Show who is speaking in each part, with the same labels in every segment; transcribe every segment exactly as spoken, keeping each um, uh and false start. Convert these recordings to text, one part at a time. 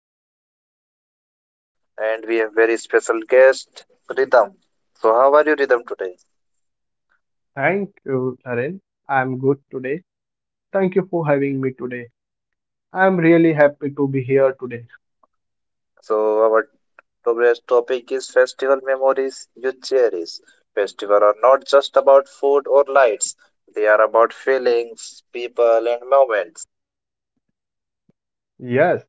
Speaker 1: to, to the heart, and we have very special guest, Rhythm. So, how are you, Rhythm, today?
Speaker 2: Thank you, Taryn. I'm good today. Thank you for having me today. I'm really happy to be here today.
Speaker 1: So, our today's topic is festival memories you cherish. Festival are not just about food or lights; they are about feelings, people, and moments.
Speaker 2: Yes,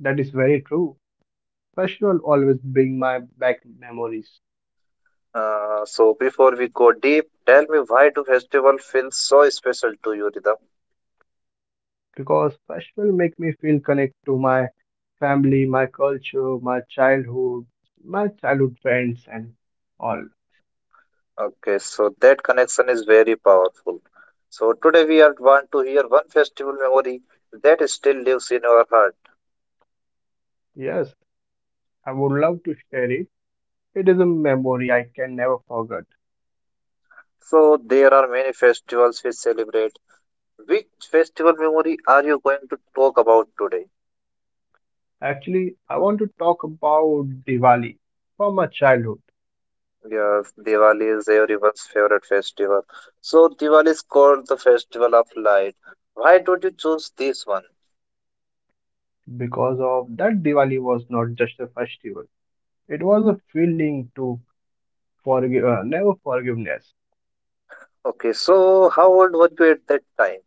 Speaker 2: that is very true. Festival always bring my back memories
Speaker 1: Uh, so, before we go deep, tell me why do festival feel so special to you, Rhythm?
Speaker 2: because festival make me feel connect to my family, my culture, my childhood, my childhood friends and all.
Speaker 1: Okay, so that connection is very powerful. So today we are want to hear one festival memory that still lives in our heart.
Speaker 2: Yes, I would love to share it. It is a memory I can never forget.
Speaker 1: So there are many festivals we celebrate. Which festival memory are you going to talk about today?
Speaker 2: Actually, I want to talk about Diwali from my childhood.
Speaker 1: Yeah, Diwali is everyone's favorite festival. So Diwali is called the festival of light. Why don't you choose this one?
Speaker 2: Because of that, Diwali was not just a festival, it was a feeling to forgive, uh, never forgiveness.
Speaker 1: Okay, so how old were you at that time?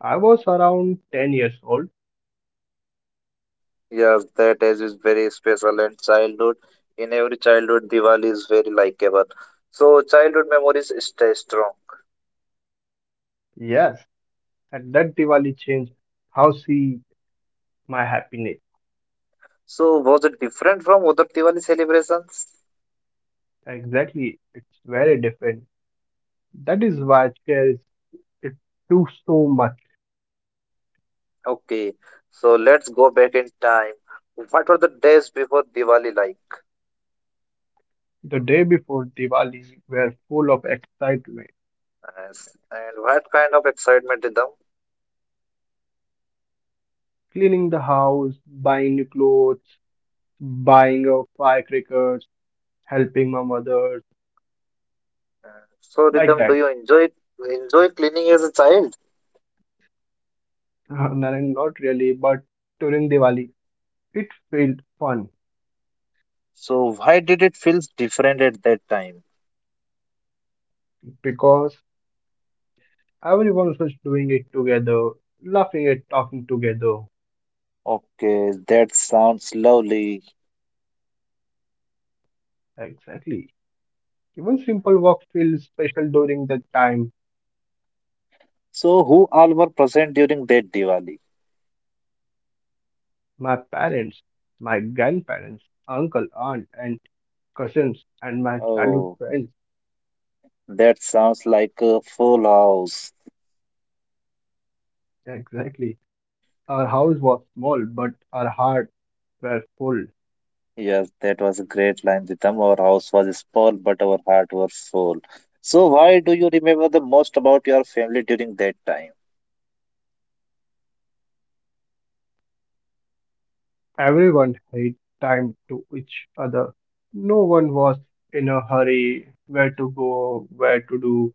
Speaker 2: I was around ten years old.
Speaker 1: Yes, that age is very special and childhood. In every childhood, Diwali is very likable. So childhood memories stay strong.
Speaker 2: Yes, and that Diwali changed how see my happiness.
Speaker 1: So was it different from other Diwali celebrations?
Speaker 2: Exactly, it's very different. That is why it carries it too so much.
Speaker 1: Okay, so let's go back in time. What were the days before Diwali like?
Speaker 2: The day before Diwali were full of excitement,
Speaker 1: Yes, and what kind of excitement, Rhythm?
Speaker 2: cleaning the house, buying new clothes, buying of firecrackers, helping my mother,
Speaker 1: So
Speaker 2: like
Speaker 1: Rhythm, do
Speaker 2: that.
Speaker 1: you enjoy enjoy cleaning as a child?
Speaker 2: Uh, Naren, not really, but during Diwali, it felt fun
Speaker 1: So why did it feel different at that time?
Speaker 2: because everyone was doing it together, laughing and talking together.
Speaker 1: Okay, that sounds lovely.
Speaker 2: Exactly. Even simple walk feels special during that time.
Speaker 1: So, who all were present during that Diwali?
Speaker 2: My parents, my grandparents, uncle, aunt, and cousins, and my childhood
Speaker 1: Oh,
Speaker 2: friends.
Speaker 1: that sounds like a full house.
Speaker 2: Exactly. Our house was small, but our hearts were full.
Speaker 1: Yes, that was a great line, Ritam. Our house was small, but our heart was full. So, why do you remember the most about your family during that time?
Speaker 2: Everyone had time to each other. No one was in a hurry where to go, where to do,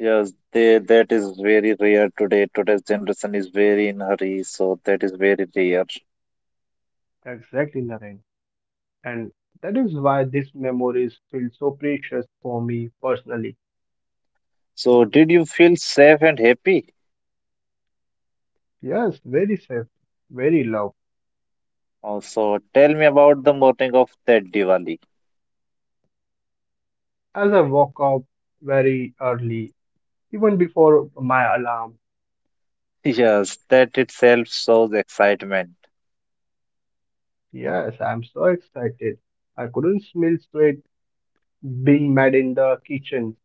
Speaker 1: Yes, they, that is very rare today. Today's generation is very in hurry, so that is very rare.
Speaker 2: exactly nothing. And that is why these memories feel so precious for me personally.
Speaker 1: So, did you feel safe and happy?
Speaker 2: Yes, very safe, very loud.
Speaker 1: Also, tell me about the morning of that Diwali.
Speaker 2: As I woke up very early, even before my alarm.
Speaker 1: Yes, that itself shows excitement.
Speaker 2: Yes, I'm so excited. I couldn't smell sweat being made in the kitchen.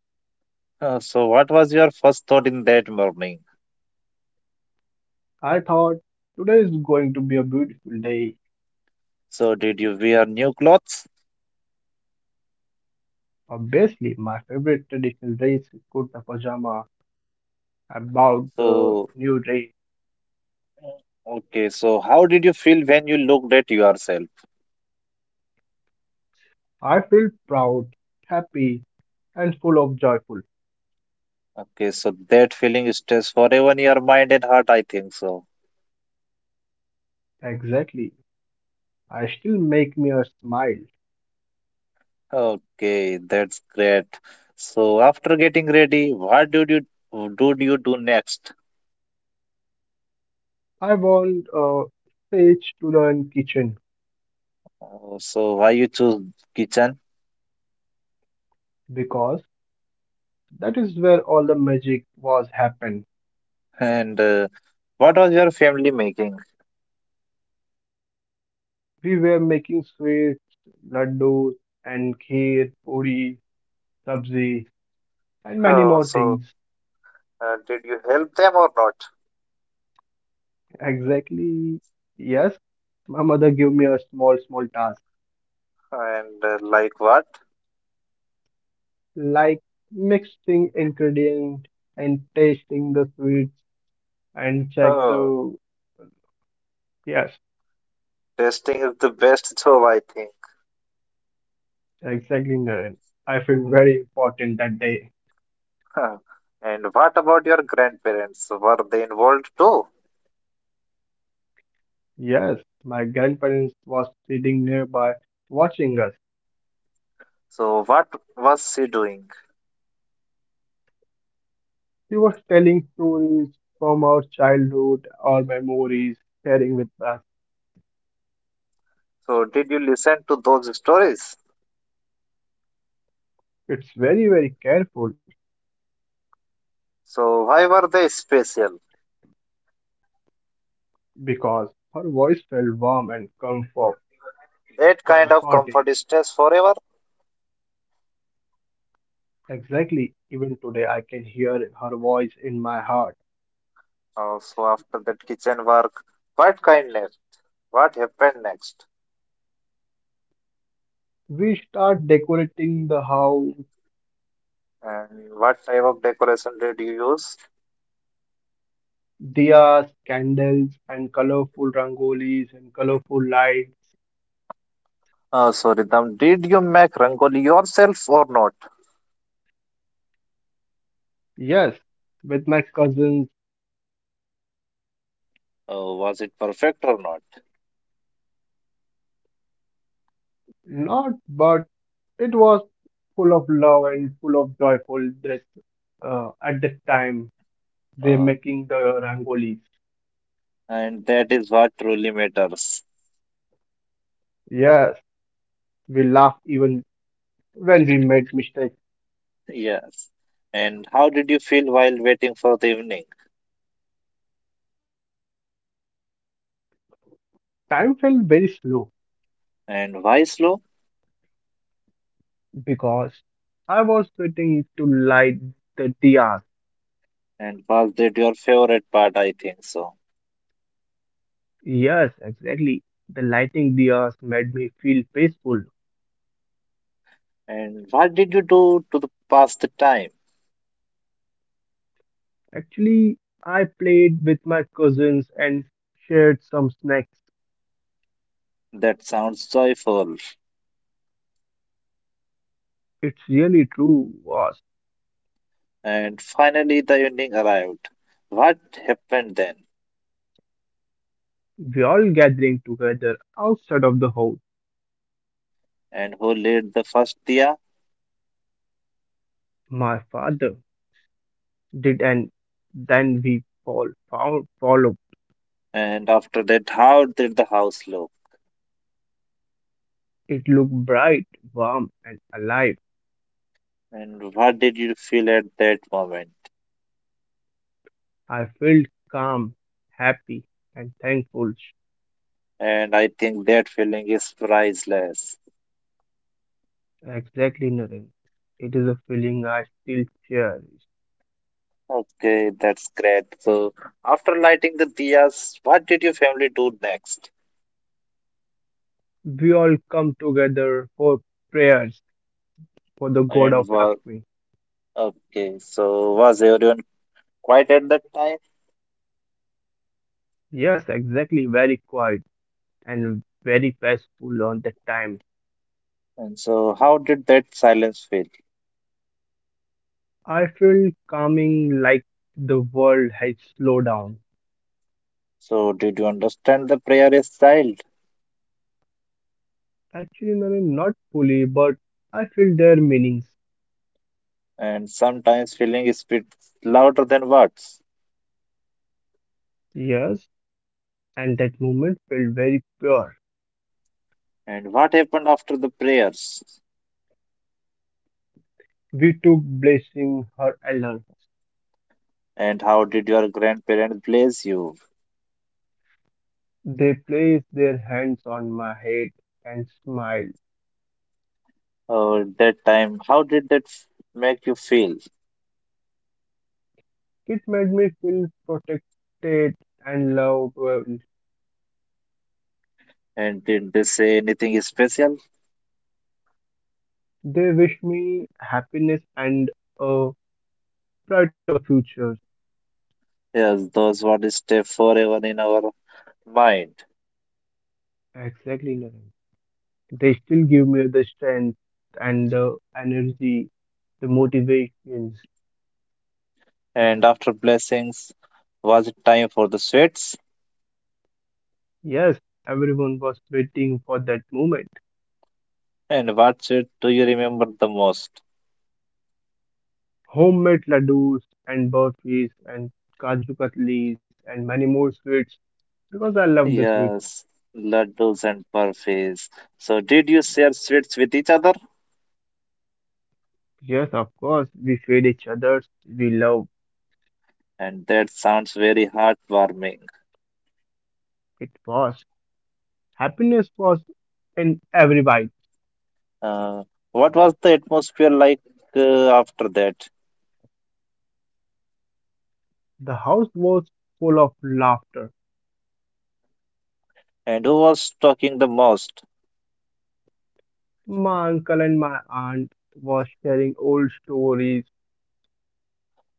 Speaker 1: Uh, so, what was your first thought in that morning?
Speaker 2: I thought today is going to be a beautiful day.
Speaker 1: So, did you wear new clothes?
Speaker 2: Obviously, my favorite traditional dress is kurta pajama. About the
Speaker 1: So,
Speaker 2: new day,
Speaker 1: okay. So, how did you feel when you looked at yourself?
Speaker 2: I feel proud, happy, and full of joyful.
Speaker 1: Okay. So, that feeling stays forever in your mind and heart, I think so.
Speaker 2: Exactly, I still make me a smile.
Speaker 1: Okay. That's great. So, after getting ready, what did you do, you do next?
Speaker 2: I want a stage to learn kitchen
Speaker 1: Uh, so, why you choose kitchen?
Speaker 2: because that is where all the magic was happened.
Speaker 1: And uh, what was your family making?
Speaker 2: We were making sweets, laddus, and kheer, puri, sabzi, and many
Speaker 1: Oh,
Speaker 2: more
Speaker 1: so
Speaker 2: things.
Speaker 1: uh, did you help them or not?
Speaker 2: Exactly. Yes, my mother gave me a small, small task,
Speaker 1: And uh, like what?
Speaker 2: like mixing ingredient and tasting the sweets and check
Speaker 1: Oh,
Speaker 2: the. Yes,
Speaker 1: testing is the best tool, I think.
Speaker 2: exactly, Naren. I feel very important that day.
Speaker 1: Huh. And what about your grandparents? Were they involved too?
Speaker 2: Yes, my grandparents was sitting nearby watching us.
Speaker 1: So, what was she doing?
Speaker 2: She was telling stories from our childhood, our memories, sharing with us.
Speaker 1: So, did you listen to those stories?
Speaker 2: It's very, very careful
Speaker 1: So, why were they special?
Speaker 2: because her voice felt warm and comfortable.
Speaker 1: That kind of comfort
Speaker 2: Comforting.
Speaker 1: stays forever.
Speaker 2: Exactly. Even today, I can hear her voice in my heart.
Speaker 1: Uh, so, after that kitchen work, what kindness? What happened next?
Speaker 2: We start decorating the house,
Speaker 1: And what type of decoration did you use?
Speaker 2: diyas, candles, and colorful rangolis and colorful lights.
Speaker 1: Uh, so, Ritam, did you make Rangoli yourself or not?
Speaker 2: Yes, with my cousins,
Speaker 1: Uh, was it perfect or not?
Speaker 2: not, but it was full of love and full of joyful that uh, at that time they're
Speaker 1: Uh,
Speaker 2: making the rangolis.
Speaker 1: And that is what truly matters.
Speaker 2: Yes, we laugh even when we made mistakes.
Speaker 1: Yes. And how did you feel while waiting for the evening?
Speaker 2: Time felt very slow
Speaker 1: And why slow?
Speaker 2: because I was waiting to light the diyas.
Speaker 1: And was that your favorite part? I think so.
Speaker 2: Yes, exactly. The lighting diyas made me feel peaceful.
Speaker 1: And what did you do to the pass the time?
Speaker 2: Actually, I played with my cousins and shared some snacks.
Speaker 1: That sounds joyful.
Speaker 2: It's really true, was
Speaker 1: And finally, the evening arrived. What happened then?
Speaker 2: we all gathering together outside of the house.
Speaker 1: And who lit the first diya?
Speaker 2: My father did, and then we all found followed.
Speaker 1: And after that, how did the house look?
Speaker 2: It looked bright, warm, and alive.
Speaker 1: And what did you feel at that moment?
Speaker 2: I felt calm, happy, and thankful.
Speaker 1: And I think that feeling is priceless.
Speaker 2: Exactly, Naren. It is a feeling I still cherish.
Speaker 1: Okay, that's great. So, after lighting the diyas, what did your family do next?
Speaker 2: We all come together for prayers for the god of
Speaker 1: And was
Speaker 2: Lakshmi.
Speaker 1: okay, so was everyone quiet at that time?
Speaker 2: Yes, exactly. Very quiet and very peaceful on that time.
Speaker 1: And so, how did that silence feel?
Speaker 2: I feel calming like the world has slowed down.
Speaker 1: So, did you understand the prayer as child?
Speaker 2: Actually, Naren, not fully, but I feel their meanings.
Speaker 1: And sometimes feeling is bit louder than words.
Speaker 2: Yes, and that moment felt very pure.
Speaker 1: And what happened after the prayers?
Speaker 2: We took blessing her elder.
Speaker 1: And how did your grandparents bless you?
Speaker 2: They placed their hands on my head and smiled.
Speaker 1: Or that time, how did that f- make you feel?
Speaker 2: It made me feel protected and loved.
Speaker 1: And did they say anything special?
Speaker 2: They wished me happiness and a bright of the future.
Speaker 1: Yes, those words stay forever in our mind.
Speaker 2: Exactly, Naren. They still give me the strength and the energy, the motivations.
Speaker 1: And after blessings, was it time for the sweets?
Speaker 2: Yes, everyone was waiting for that moment.
Speaker 1: And what sweet do you remember the most?
Speaker 2: Homemade laddus and burfis and kaju katlis and many more sweets because I love the sweet.
Speaker 1: Yes, laddus and burfis. So, did you share sweets with each other?
Speaker 2: Yes, of course, we feed each other, we love.
Speaker 1: And that sounds very heartwarming.
Speaker 2: It was. Happiness was in every bite.
Speaker 1: Uh, what was the atmosphere like uh, after that?
Speaker 2: The house was full of laughter.
Speaker 1: And who was talking the most?
Speaker 2: My uncle and my aunt was sharing old stories.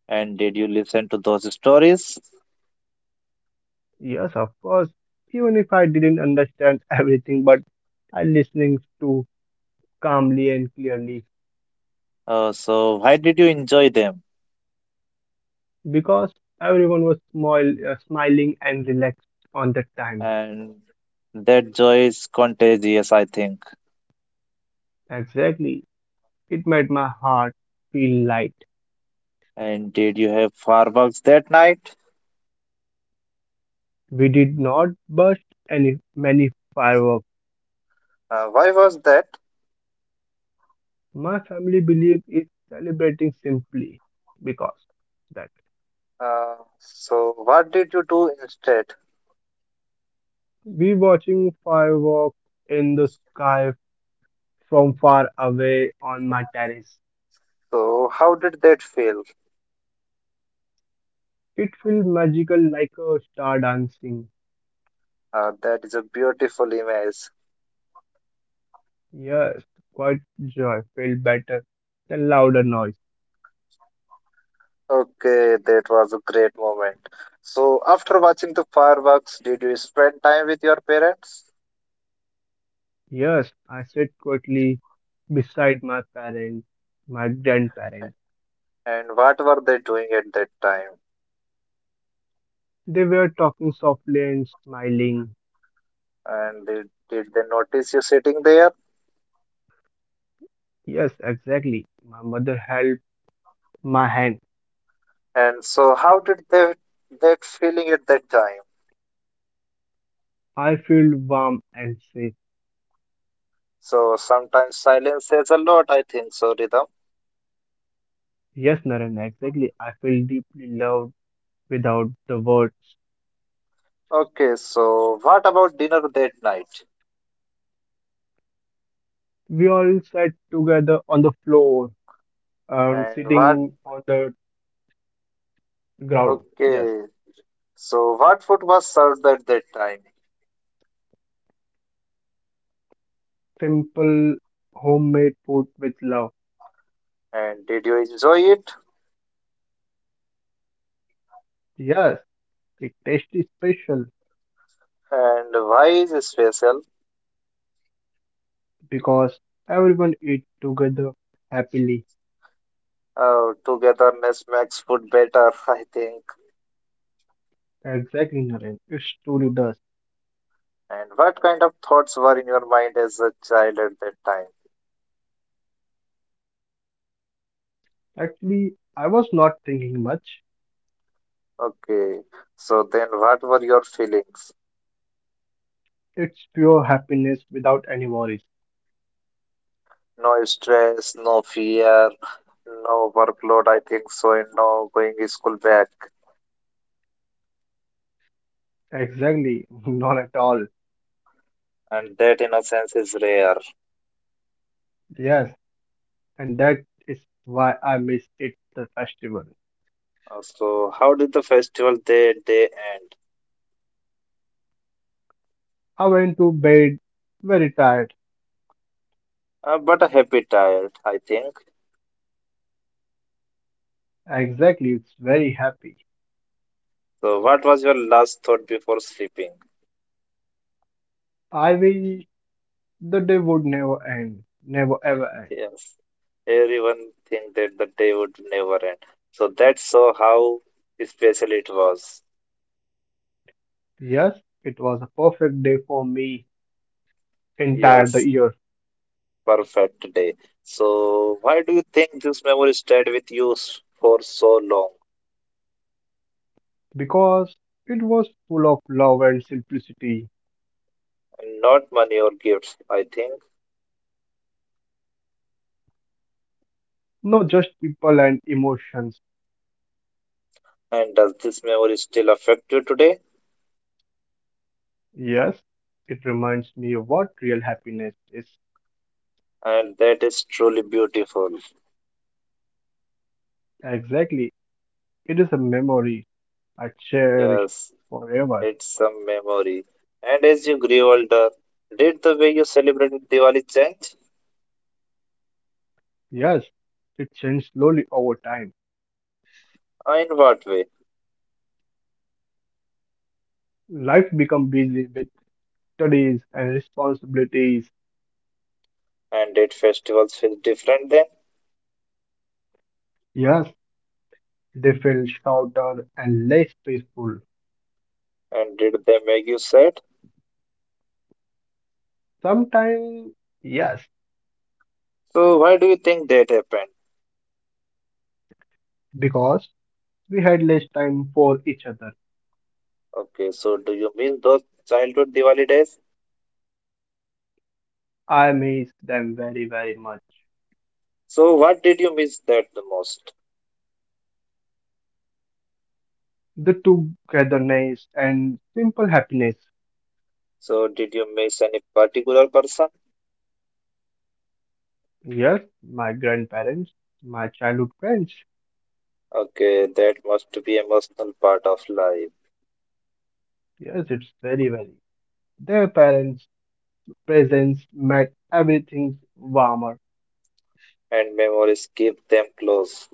Speaker 1: And did you listen to those stories?
Speaker 2: Yes, of course, even if I didn't understand everything, but I listening to calmly and clearly
Speaker 1: Uh, so, why did you enjoy them?
Speaker 2: because everyone was smile, uh, smiling and relaxed on that time.
Speaker 1: And that joy is contagious, I think.
Speaker 2: Exactly. It made my heart feel light.
Speaker 1: And did you have fireworks that night?
Speaker 2: We did not burst any many fireworks.
Speaker 1: Uh, why was that?
Speaker 2: My family believe is celebrating simply because that
Speaker 1: Uh, so, what did you do instead?
Speaker 2: we watching fireworks in the sky from far away on my terrace.
Speaker 1: So, how did that feel?
Speaker 2: It felt magical like a star dancing.
Speaker 1: Uh, that is a beautiful image.
Speaker 2: Yes, quite joy felt better than louder noise.
Speaker 1: Okay, that was a great moment. So, after watching the fireworks, did you spend time with your parents?
Speaker 2: Yes, I sat quietly beside my parents, my grandparents.
Speaker 1: And what were they doing at that time?
Speaker 2: They were talking softly and smiling.
Speaker 1: And did, did they notice you sitting there?
Speaker 2: Yes, exactly. My mother held my hand.
Speaker 1: And so, how did they that feeling at that time?
Speaker 2: I felt warm and safe.
Speaker 1: So sometimes silence says a lot, I think. So Rhythm.
Speaker 2: Yes, Naren, exactly. I feel deeply loved without the words.
Speaker 1: Okay, so what about dinner that night?
Speaker 2: We all sat together on the floor, um,
Speaker 1: And what?
Speaker 2: sitting on the ground. Yes,
Speaker 1: Okay, so what food was served at that time?
Speaker 2: simple homemade food with love.
Speaker 1: And did you enjoy it?
Speaker 2: Yes, it tasted special
Speaker 1: And why is it special?
Speaker 2: because everyone ate together happily.
Speaker 1: Uh, togetherness makes food better, I think.
Speaker 2: Exactly, Naren. It truly does.
Speaker 1: And what kind of thoughts were in your mind as a child at that time?
Speaker 2: Actually, I was not thinking much.
Speaker 1: Okay, so then what were your feelings?
Speaker 2: It's pure happiness without any worries.
Speaker 1: No stress, no fear, no workload, I think so, and no going school back.
Speaker 2: Exactly, none at all.
Speaker 1: And that innocence is rare.
Speaker 2: Yes, and that is why I miss it the festival.
Speaker 1: Uh, So how did the festival day day end?
Speaker 2: I went to bed very tired.
Speaker 1: Uh, but a happy tired, I think.
Speaker 2: Exactly, it's very happy.
Speaker 1: So what was your last thought before sleeping?
Speaker 2: I wish the day would never end, never ever end.
Speaker 1: Yes. Everyone think that the day would never end. So that's so how special it was.
Speaker 2: Yes, it was a perfect day for me entire the
Speaker 1: Yes,
Speaker 2: year
Speaker 1: perfect day. So why do you think this memory stayed with you s- for so long?
Speaker 2: because it was full of love and simplicity,
Speaker 1: And not money or gifts, I think.
Speaker 2: not just people and emotions.
Speaker 1: And does this memory still affect you today?
Speaker 2: Yes, it reminds me of what real happiness is.
Speaker 1: And that is truly beautiful.
Speaker 2: Exactly. It is a memory I cherish
Speaker 1: Yes,
Speaker 2: forever.
Speaker 1: it's some memory. And as you grew older, did the way you celebrated Diwali change?
Speaker 2: Yes, it changed slowly over time.
Speaker 1: Uh, In what way?
Speaker 2: Life become busy with studies and responsibilities.
Speaker 1: And did festivals feel different then?
Speaker 2: Yes, they feel shorter and less peaceful.
Speaker 1: And did they make you sad?
Speaker 2: Sometimes, yes,
Speaker 1: So why do you think that happened?
Speaker 2: because we had less time for each other.
Speaker 1: Okay, so do you miss those childhood Diwali days?
Speaker 2: I miss them very, very much.
Speaker 1: So what did you miss that the most?
Speaker 2: The togetherness and simple happiness.
Speaker 1: So did you miss any particular person?
Speaker 2: Yes, my grandparents, my childhood friends.
Speaker 1: Okay, that must be emotional part of life,
Speaker 2: Yes, it's very, very. Their parents' presence made everything warmer.
Speaker 1: and memories keep them close.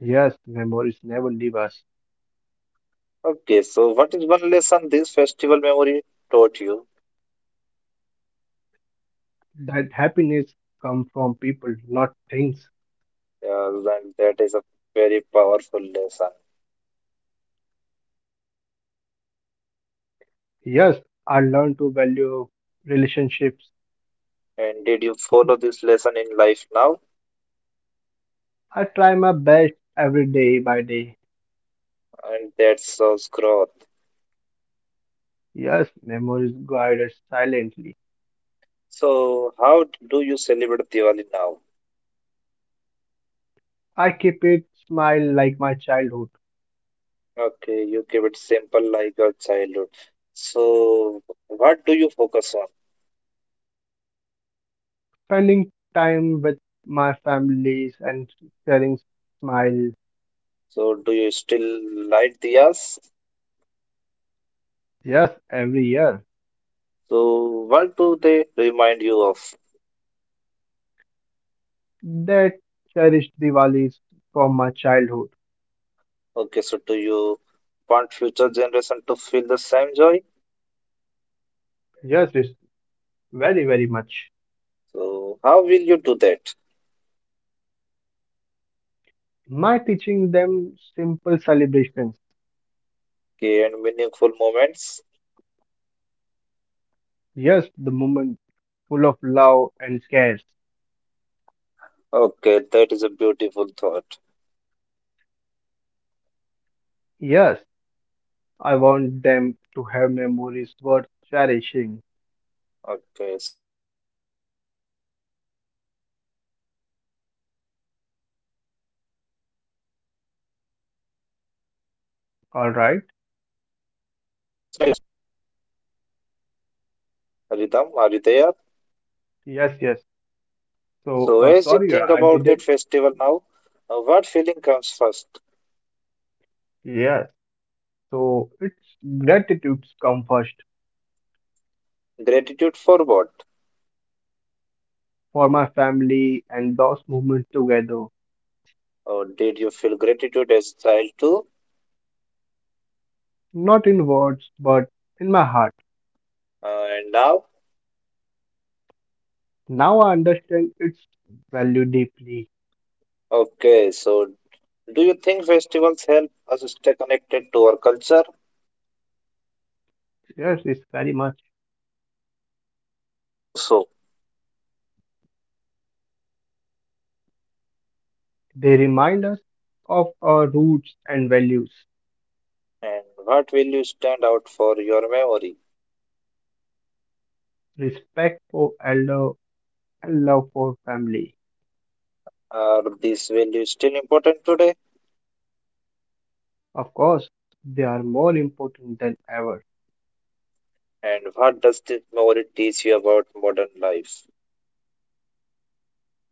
Speaker 2: Yes, memories never leave us.
Speaker 1: Okay, so what is one lesson this festival memory taught you?
Speaker 2: That happiness comes from people, not things.
Speaker 1: Uh, and that is a very powerful lesson.
Speaker 2: Yes, I learn to value relationships.
Speaker 1: And did you follow this lesson in life now?
Speaker 2: I try my best every day by day.
Speaker 1: And that shows growth.
Speaker 2: Yes, memories guide us silently.
Speaker 1: So how do you celebrate Diwali now?
Speaker 2: I keep it smile like my childhood.
Speaker 1: Okay, you keep it simple like your childhood. So what do you focus on?
Speaker 2: Spending time with my families and sharing smiles,
Speaker 1: So do you still light diyas?
Speaker 2: yes, every year.
Speaker 1: So, what do they remind you of?
Speaker 2: That cherished Diwalis from my childhood.
Speaker 1: Okay, so do you want future generation to feel the same joy?
Speaker 2: Yes, it's very, very much.
Speaker 1: So, how will you do that?
Speaker 2: My teaching them simple celebrations.
Speaker 1: Okay, and meaningful moments.
Speaker 2: Yes, the moment full of love and cares.
Speaker 1: Okay, that is a beautiful thought.
Speaker 2: Yes, I want them to have memories worth cherishing.
Speaker 1: Okay, so as you think about that festival now, what feeling comes first?
Speaker 2: All right.
Speaker 1: Rhythm, are you there?
Speaker 2: Yes, yes. So,
Speaker 1: So,
Speaker 2: uh,
Speaker 1: as you
Speaker 2: sorry,
Speaker 1: think
Speaker 2: I
Speaker 1: about that
Speaker 2: didn't.
Speaker 1: festival now, uh, what feeling comes first?
Speaker 2: Yes. So, it's gratitudes come first.
Speaker 1: Gratitude for what?
Speaker 2: For my family and those moments together,
Speaker 1: Or did you feel gratitude as child too?
Speaker 2: not in words but in my heart.
Speaker 1: Uh, and now?
Speaker 2: Now I understand its value deeply.
Speaker 1: Okay, so do you think festivals help us stay connected to our culture?
Speaker 2: Yes, it's very much.
Speaker 1: Uh, how so?
Speaker 2: They remind us of our roots and values,
Speaker 1: And what values stand out for your memory?
Speaker 2: respect for elder and love for family.
Speaker 1: Are these values still important today?
Speaker 2: Of course, they are more important than ever.
Speaker 1: And what does this memory teach you about modern life?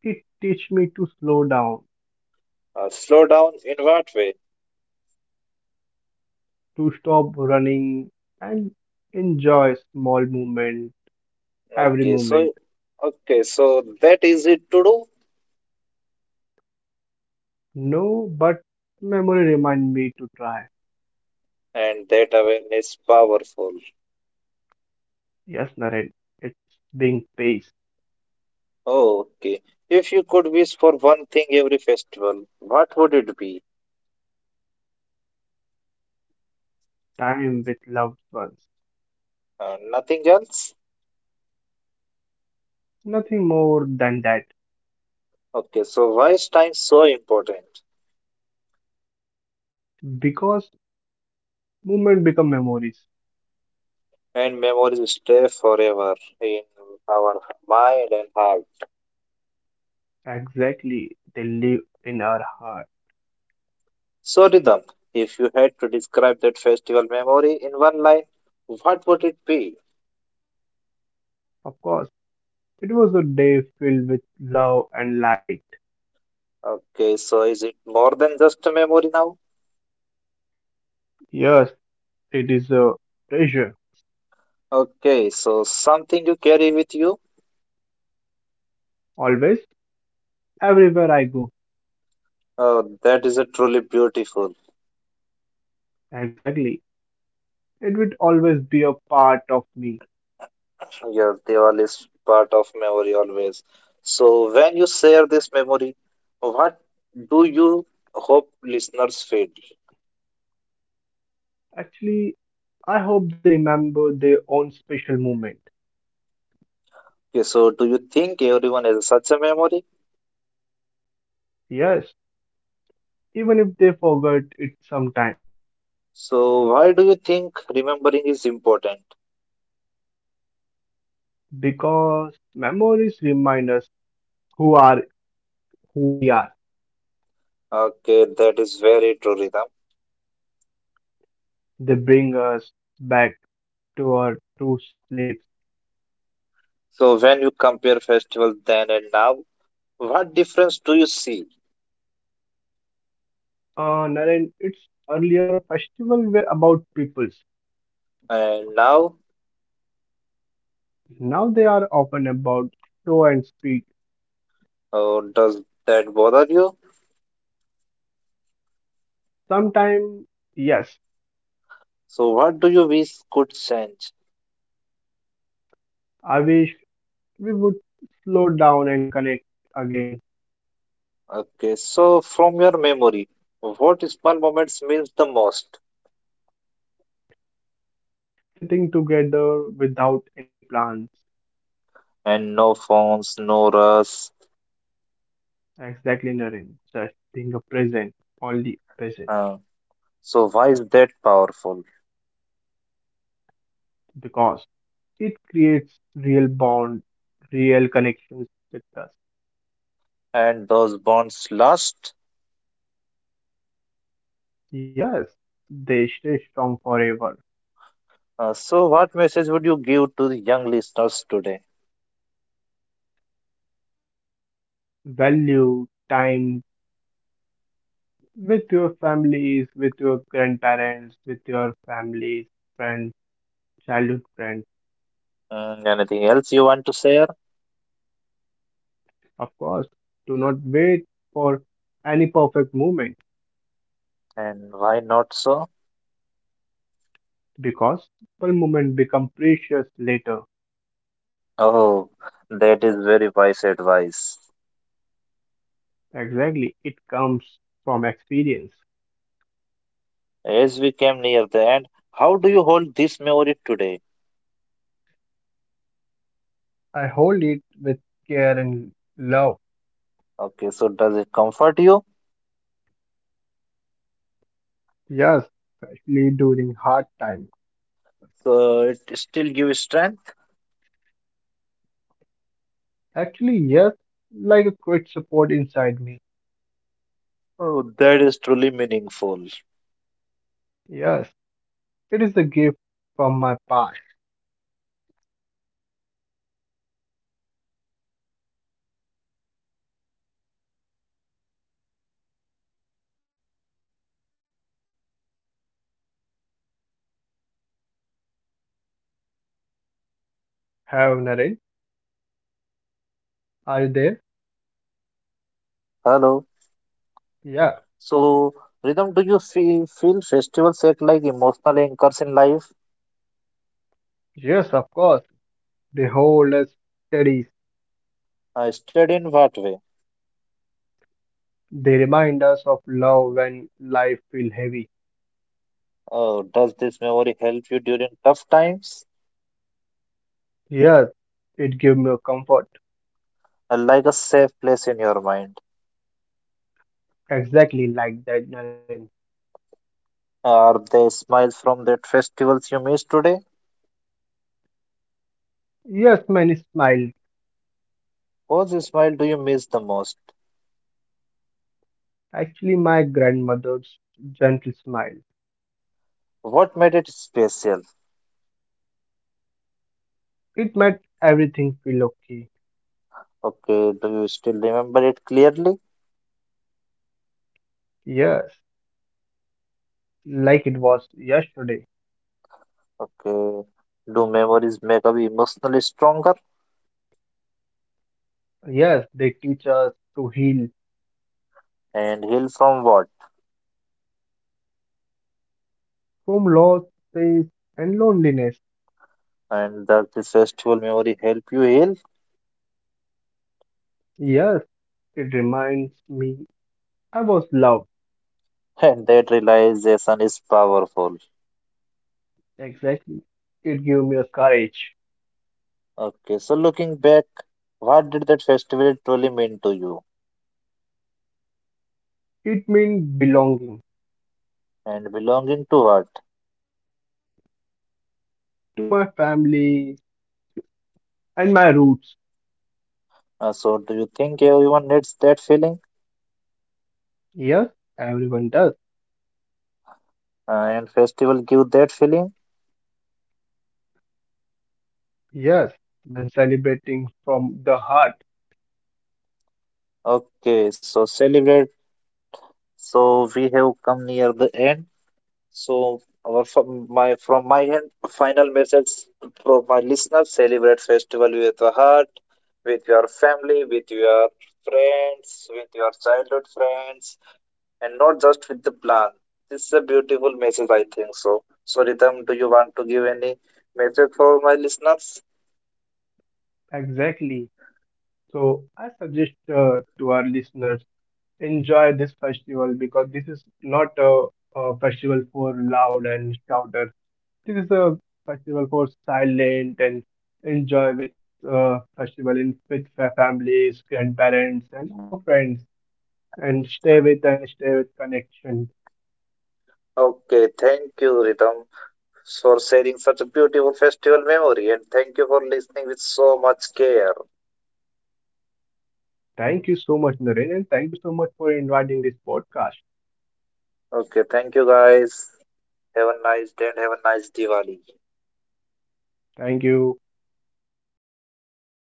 Speaker 2: It teach me to slow down,
Speaker 1: Uh, slow down in what way?
Speaker 2: to stop running and enjoy small moment, every
Speaker 1: Okay,
Speaker 2: moment.
Speaker 1: so okay, so that easy to do,
Speaker 2: No, but memory remind me to try.
Speaker 1: and that awareness powerful.
Speaker 2: Yes, Naren, it's being paced,
Speaker 1: Oh, okay. If you could wish for one thing every festival, what would it be?
Speaker 2: time with loved ones.
Speaker 1: Uh, nothing else?
Speaker 2: Nothing more than that.
Speaker 1: Okay, so why is time so important?
Speaker 2: Because movement become memories.
Speaker 1: And memories stay forever in our mind and heart.
Speaker 2: Exactly, they live in our heart.
Speaker 1: So, Rhythm, if you had to describe that festival memory in one line, what would it be?
Speaker 2: Of course, it was a day filled with love and light.
Speaker 1: Okay, so is it more than just a memory now?
Speaker 2: Yes, it is a treasure.
Speaker 1: Okay, so something you carry with you?
Speaker 2: Always, everywhere I go.
Speaker 1: Oh, that is a truly beautiful.
Speaker 2: Exactly, it will always be a part of me.
Speaker 1: Your Diwali is part of memory always. So, when you share this memory, what do you hope listeners feel?
Speaker 2: Actually, I hope they remember their own special moment.
Speaker 1: Okay, so do you think everyone has such a memory?
Speaker 2: Yes, even if they forget it sometimes,
Speaker 1: So why do you think remembering is important?
Speaker 2: because memories remind us who are who we are.
Speaker 1: Okay, that is very true, Rhythm.
Speaker 2: They bring us back to our true slaves.
Speaker 1: So when you compare festival then and now, what difference do you see?
Speaker 2: Uh, Naren, its earlier festival were about peoples.
Speaker 1: And now,
Speaker 2: Now they are often about show and speak.
Speaker 1: uh, does that bother you?
Speaker 2: Sometimes, yes,
Speaker 1: So what do you wish could change?
Speaker 2: I wish we would slow down and connect again,
Speaker 1: Okay, so from your memory, what small moments means the most?
Speaker 2: sitting together without any plans.
Speaker 1: And no phones, no rush.
Speaker 2: Exactly, Naren. Just being a present, only present,
Speaker 1: Uh, so why is that powerful?
Speaker 2: because it creates real bond, real connections with us.
Speaker 1: And those bonds last?
Speaker 2: Yes, they stay strong forever.
Speaker 1: Uh, so, what message would you give to the young listeners today?
Speaker 2: Value time with your families, with your grandparents, with your families, friends, childhood friends.
Speaker 1: Mm, anything else you want to share?
Speaker 2: Of course, do not wait for any perfect moment
Speaker 1: And why not so?
Speaker 2: because simple moment become precious later.
Speaker 1: Oh, that is very wise advice.
Speaker 2: Exactly, it comes from experience.
Speaker 1: As we came near the end, how do you hold this memory today?
Speaker 2: I hold it with care and love.
Speaker 1: Okay, so does it comfort you?
Speaker 2: Yes, especially during hard times.
Speaker 1: So it still gives strength?
Speaker 2: Actually, yes, like a quiet support inside me.
Speaker 1: Oh, that is truly meaningful.
Speaker 2: Yes, it is a gift from my past. Have Naren, are you there?
Speaker 1: Hello.
Speaker 2: Yeah,
Speaker 1: So, Rhythm, do you feel, feel festivals act like emotional anchors in life?
Speaker 2: yes, of course. They hold us steady.
Speaker 1: Uh, studied in what way?
Speaker 2: They remind us of love when life feels heavy.
Speaker 1: Oh, does this memory help you during tough times?
Speaker 2: Yes, it gives me a comfort.
Speaker 1: Uh, Like a safe place in your mind.
Speaker 2: Exactly like that, Naren.
Speaker 1: Are there smiles from that festivals you missed today?
Speaker 2: Yes, many smiled.
Speaker 1: Whose smile do you miss the most?
Speaker 2: Actually, my grandmother's gentle smile.
Speaker 1: What made it special?
Speaker 2: It made everything feel okay.
Speaker 1: Okay, do you still remember it clearly?
Speaker 2: Yes, like it was yesterday.
Speaker 1: Okay, do memories make us emotionally stronger
Speaker 2: Yes, they teach us to heal
Speaker 1: and heal from what?
Speaker 2: from loss, pain, and loneliness.
Speaker 1: And does the festival memory help you heal?
Speaker 2: Yes, it reminds me I was loved.
Speaker 1: And that realization is powerful.
Speaker 2: Exactly. It gave me a courage.
Speaker 1: Okay, so looking back, what did that festival truly mean to you?
Speaker 2: It means belonging
Speaker 1: And belonging to what?
Speaker 2: to my family and my roots.
Speaker 1: Uh, so, do you think everyone needs that feeling?
Speaker 2: Yes, everyone does.
Speaker 1: Uh, and festival give that feeling?
Speaker 2: Yes, when celebrating from the heart.
Speaker 1: Okay, so celebrate. So we have come near the end. So our from my from my end, final message from my listeners: celebrate festival with the heart, with your family, with your friends, with your childhood friends, and not just with the plan. This is a beautiful message, I think so. So, Ritam, do you want to give any message for my listeners?
Speaker 2: Exactly. So I suggest uh, to our listeners enjoy this festival because this is not a, a festival for loud and shouter. This is a festival for silent and enjoy with uh, festival in with fa- families, grandparents, and our friends, and stay with and stay with connection.
Speaker 1: Okay, thank you, Ritam, for sharing such a beautiful festival memory, and thank you for listening with so much care.
Speaker 2: Thank you so much, Naren, and thank you so much for inviting this podcast.
Speaker 1: Okay, thank you, guys. Have a nice day and have a nice Diwali.
Speaker 2: Thank you.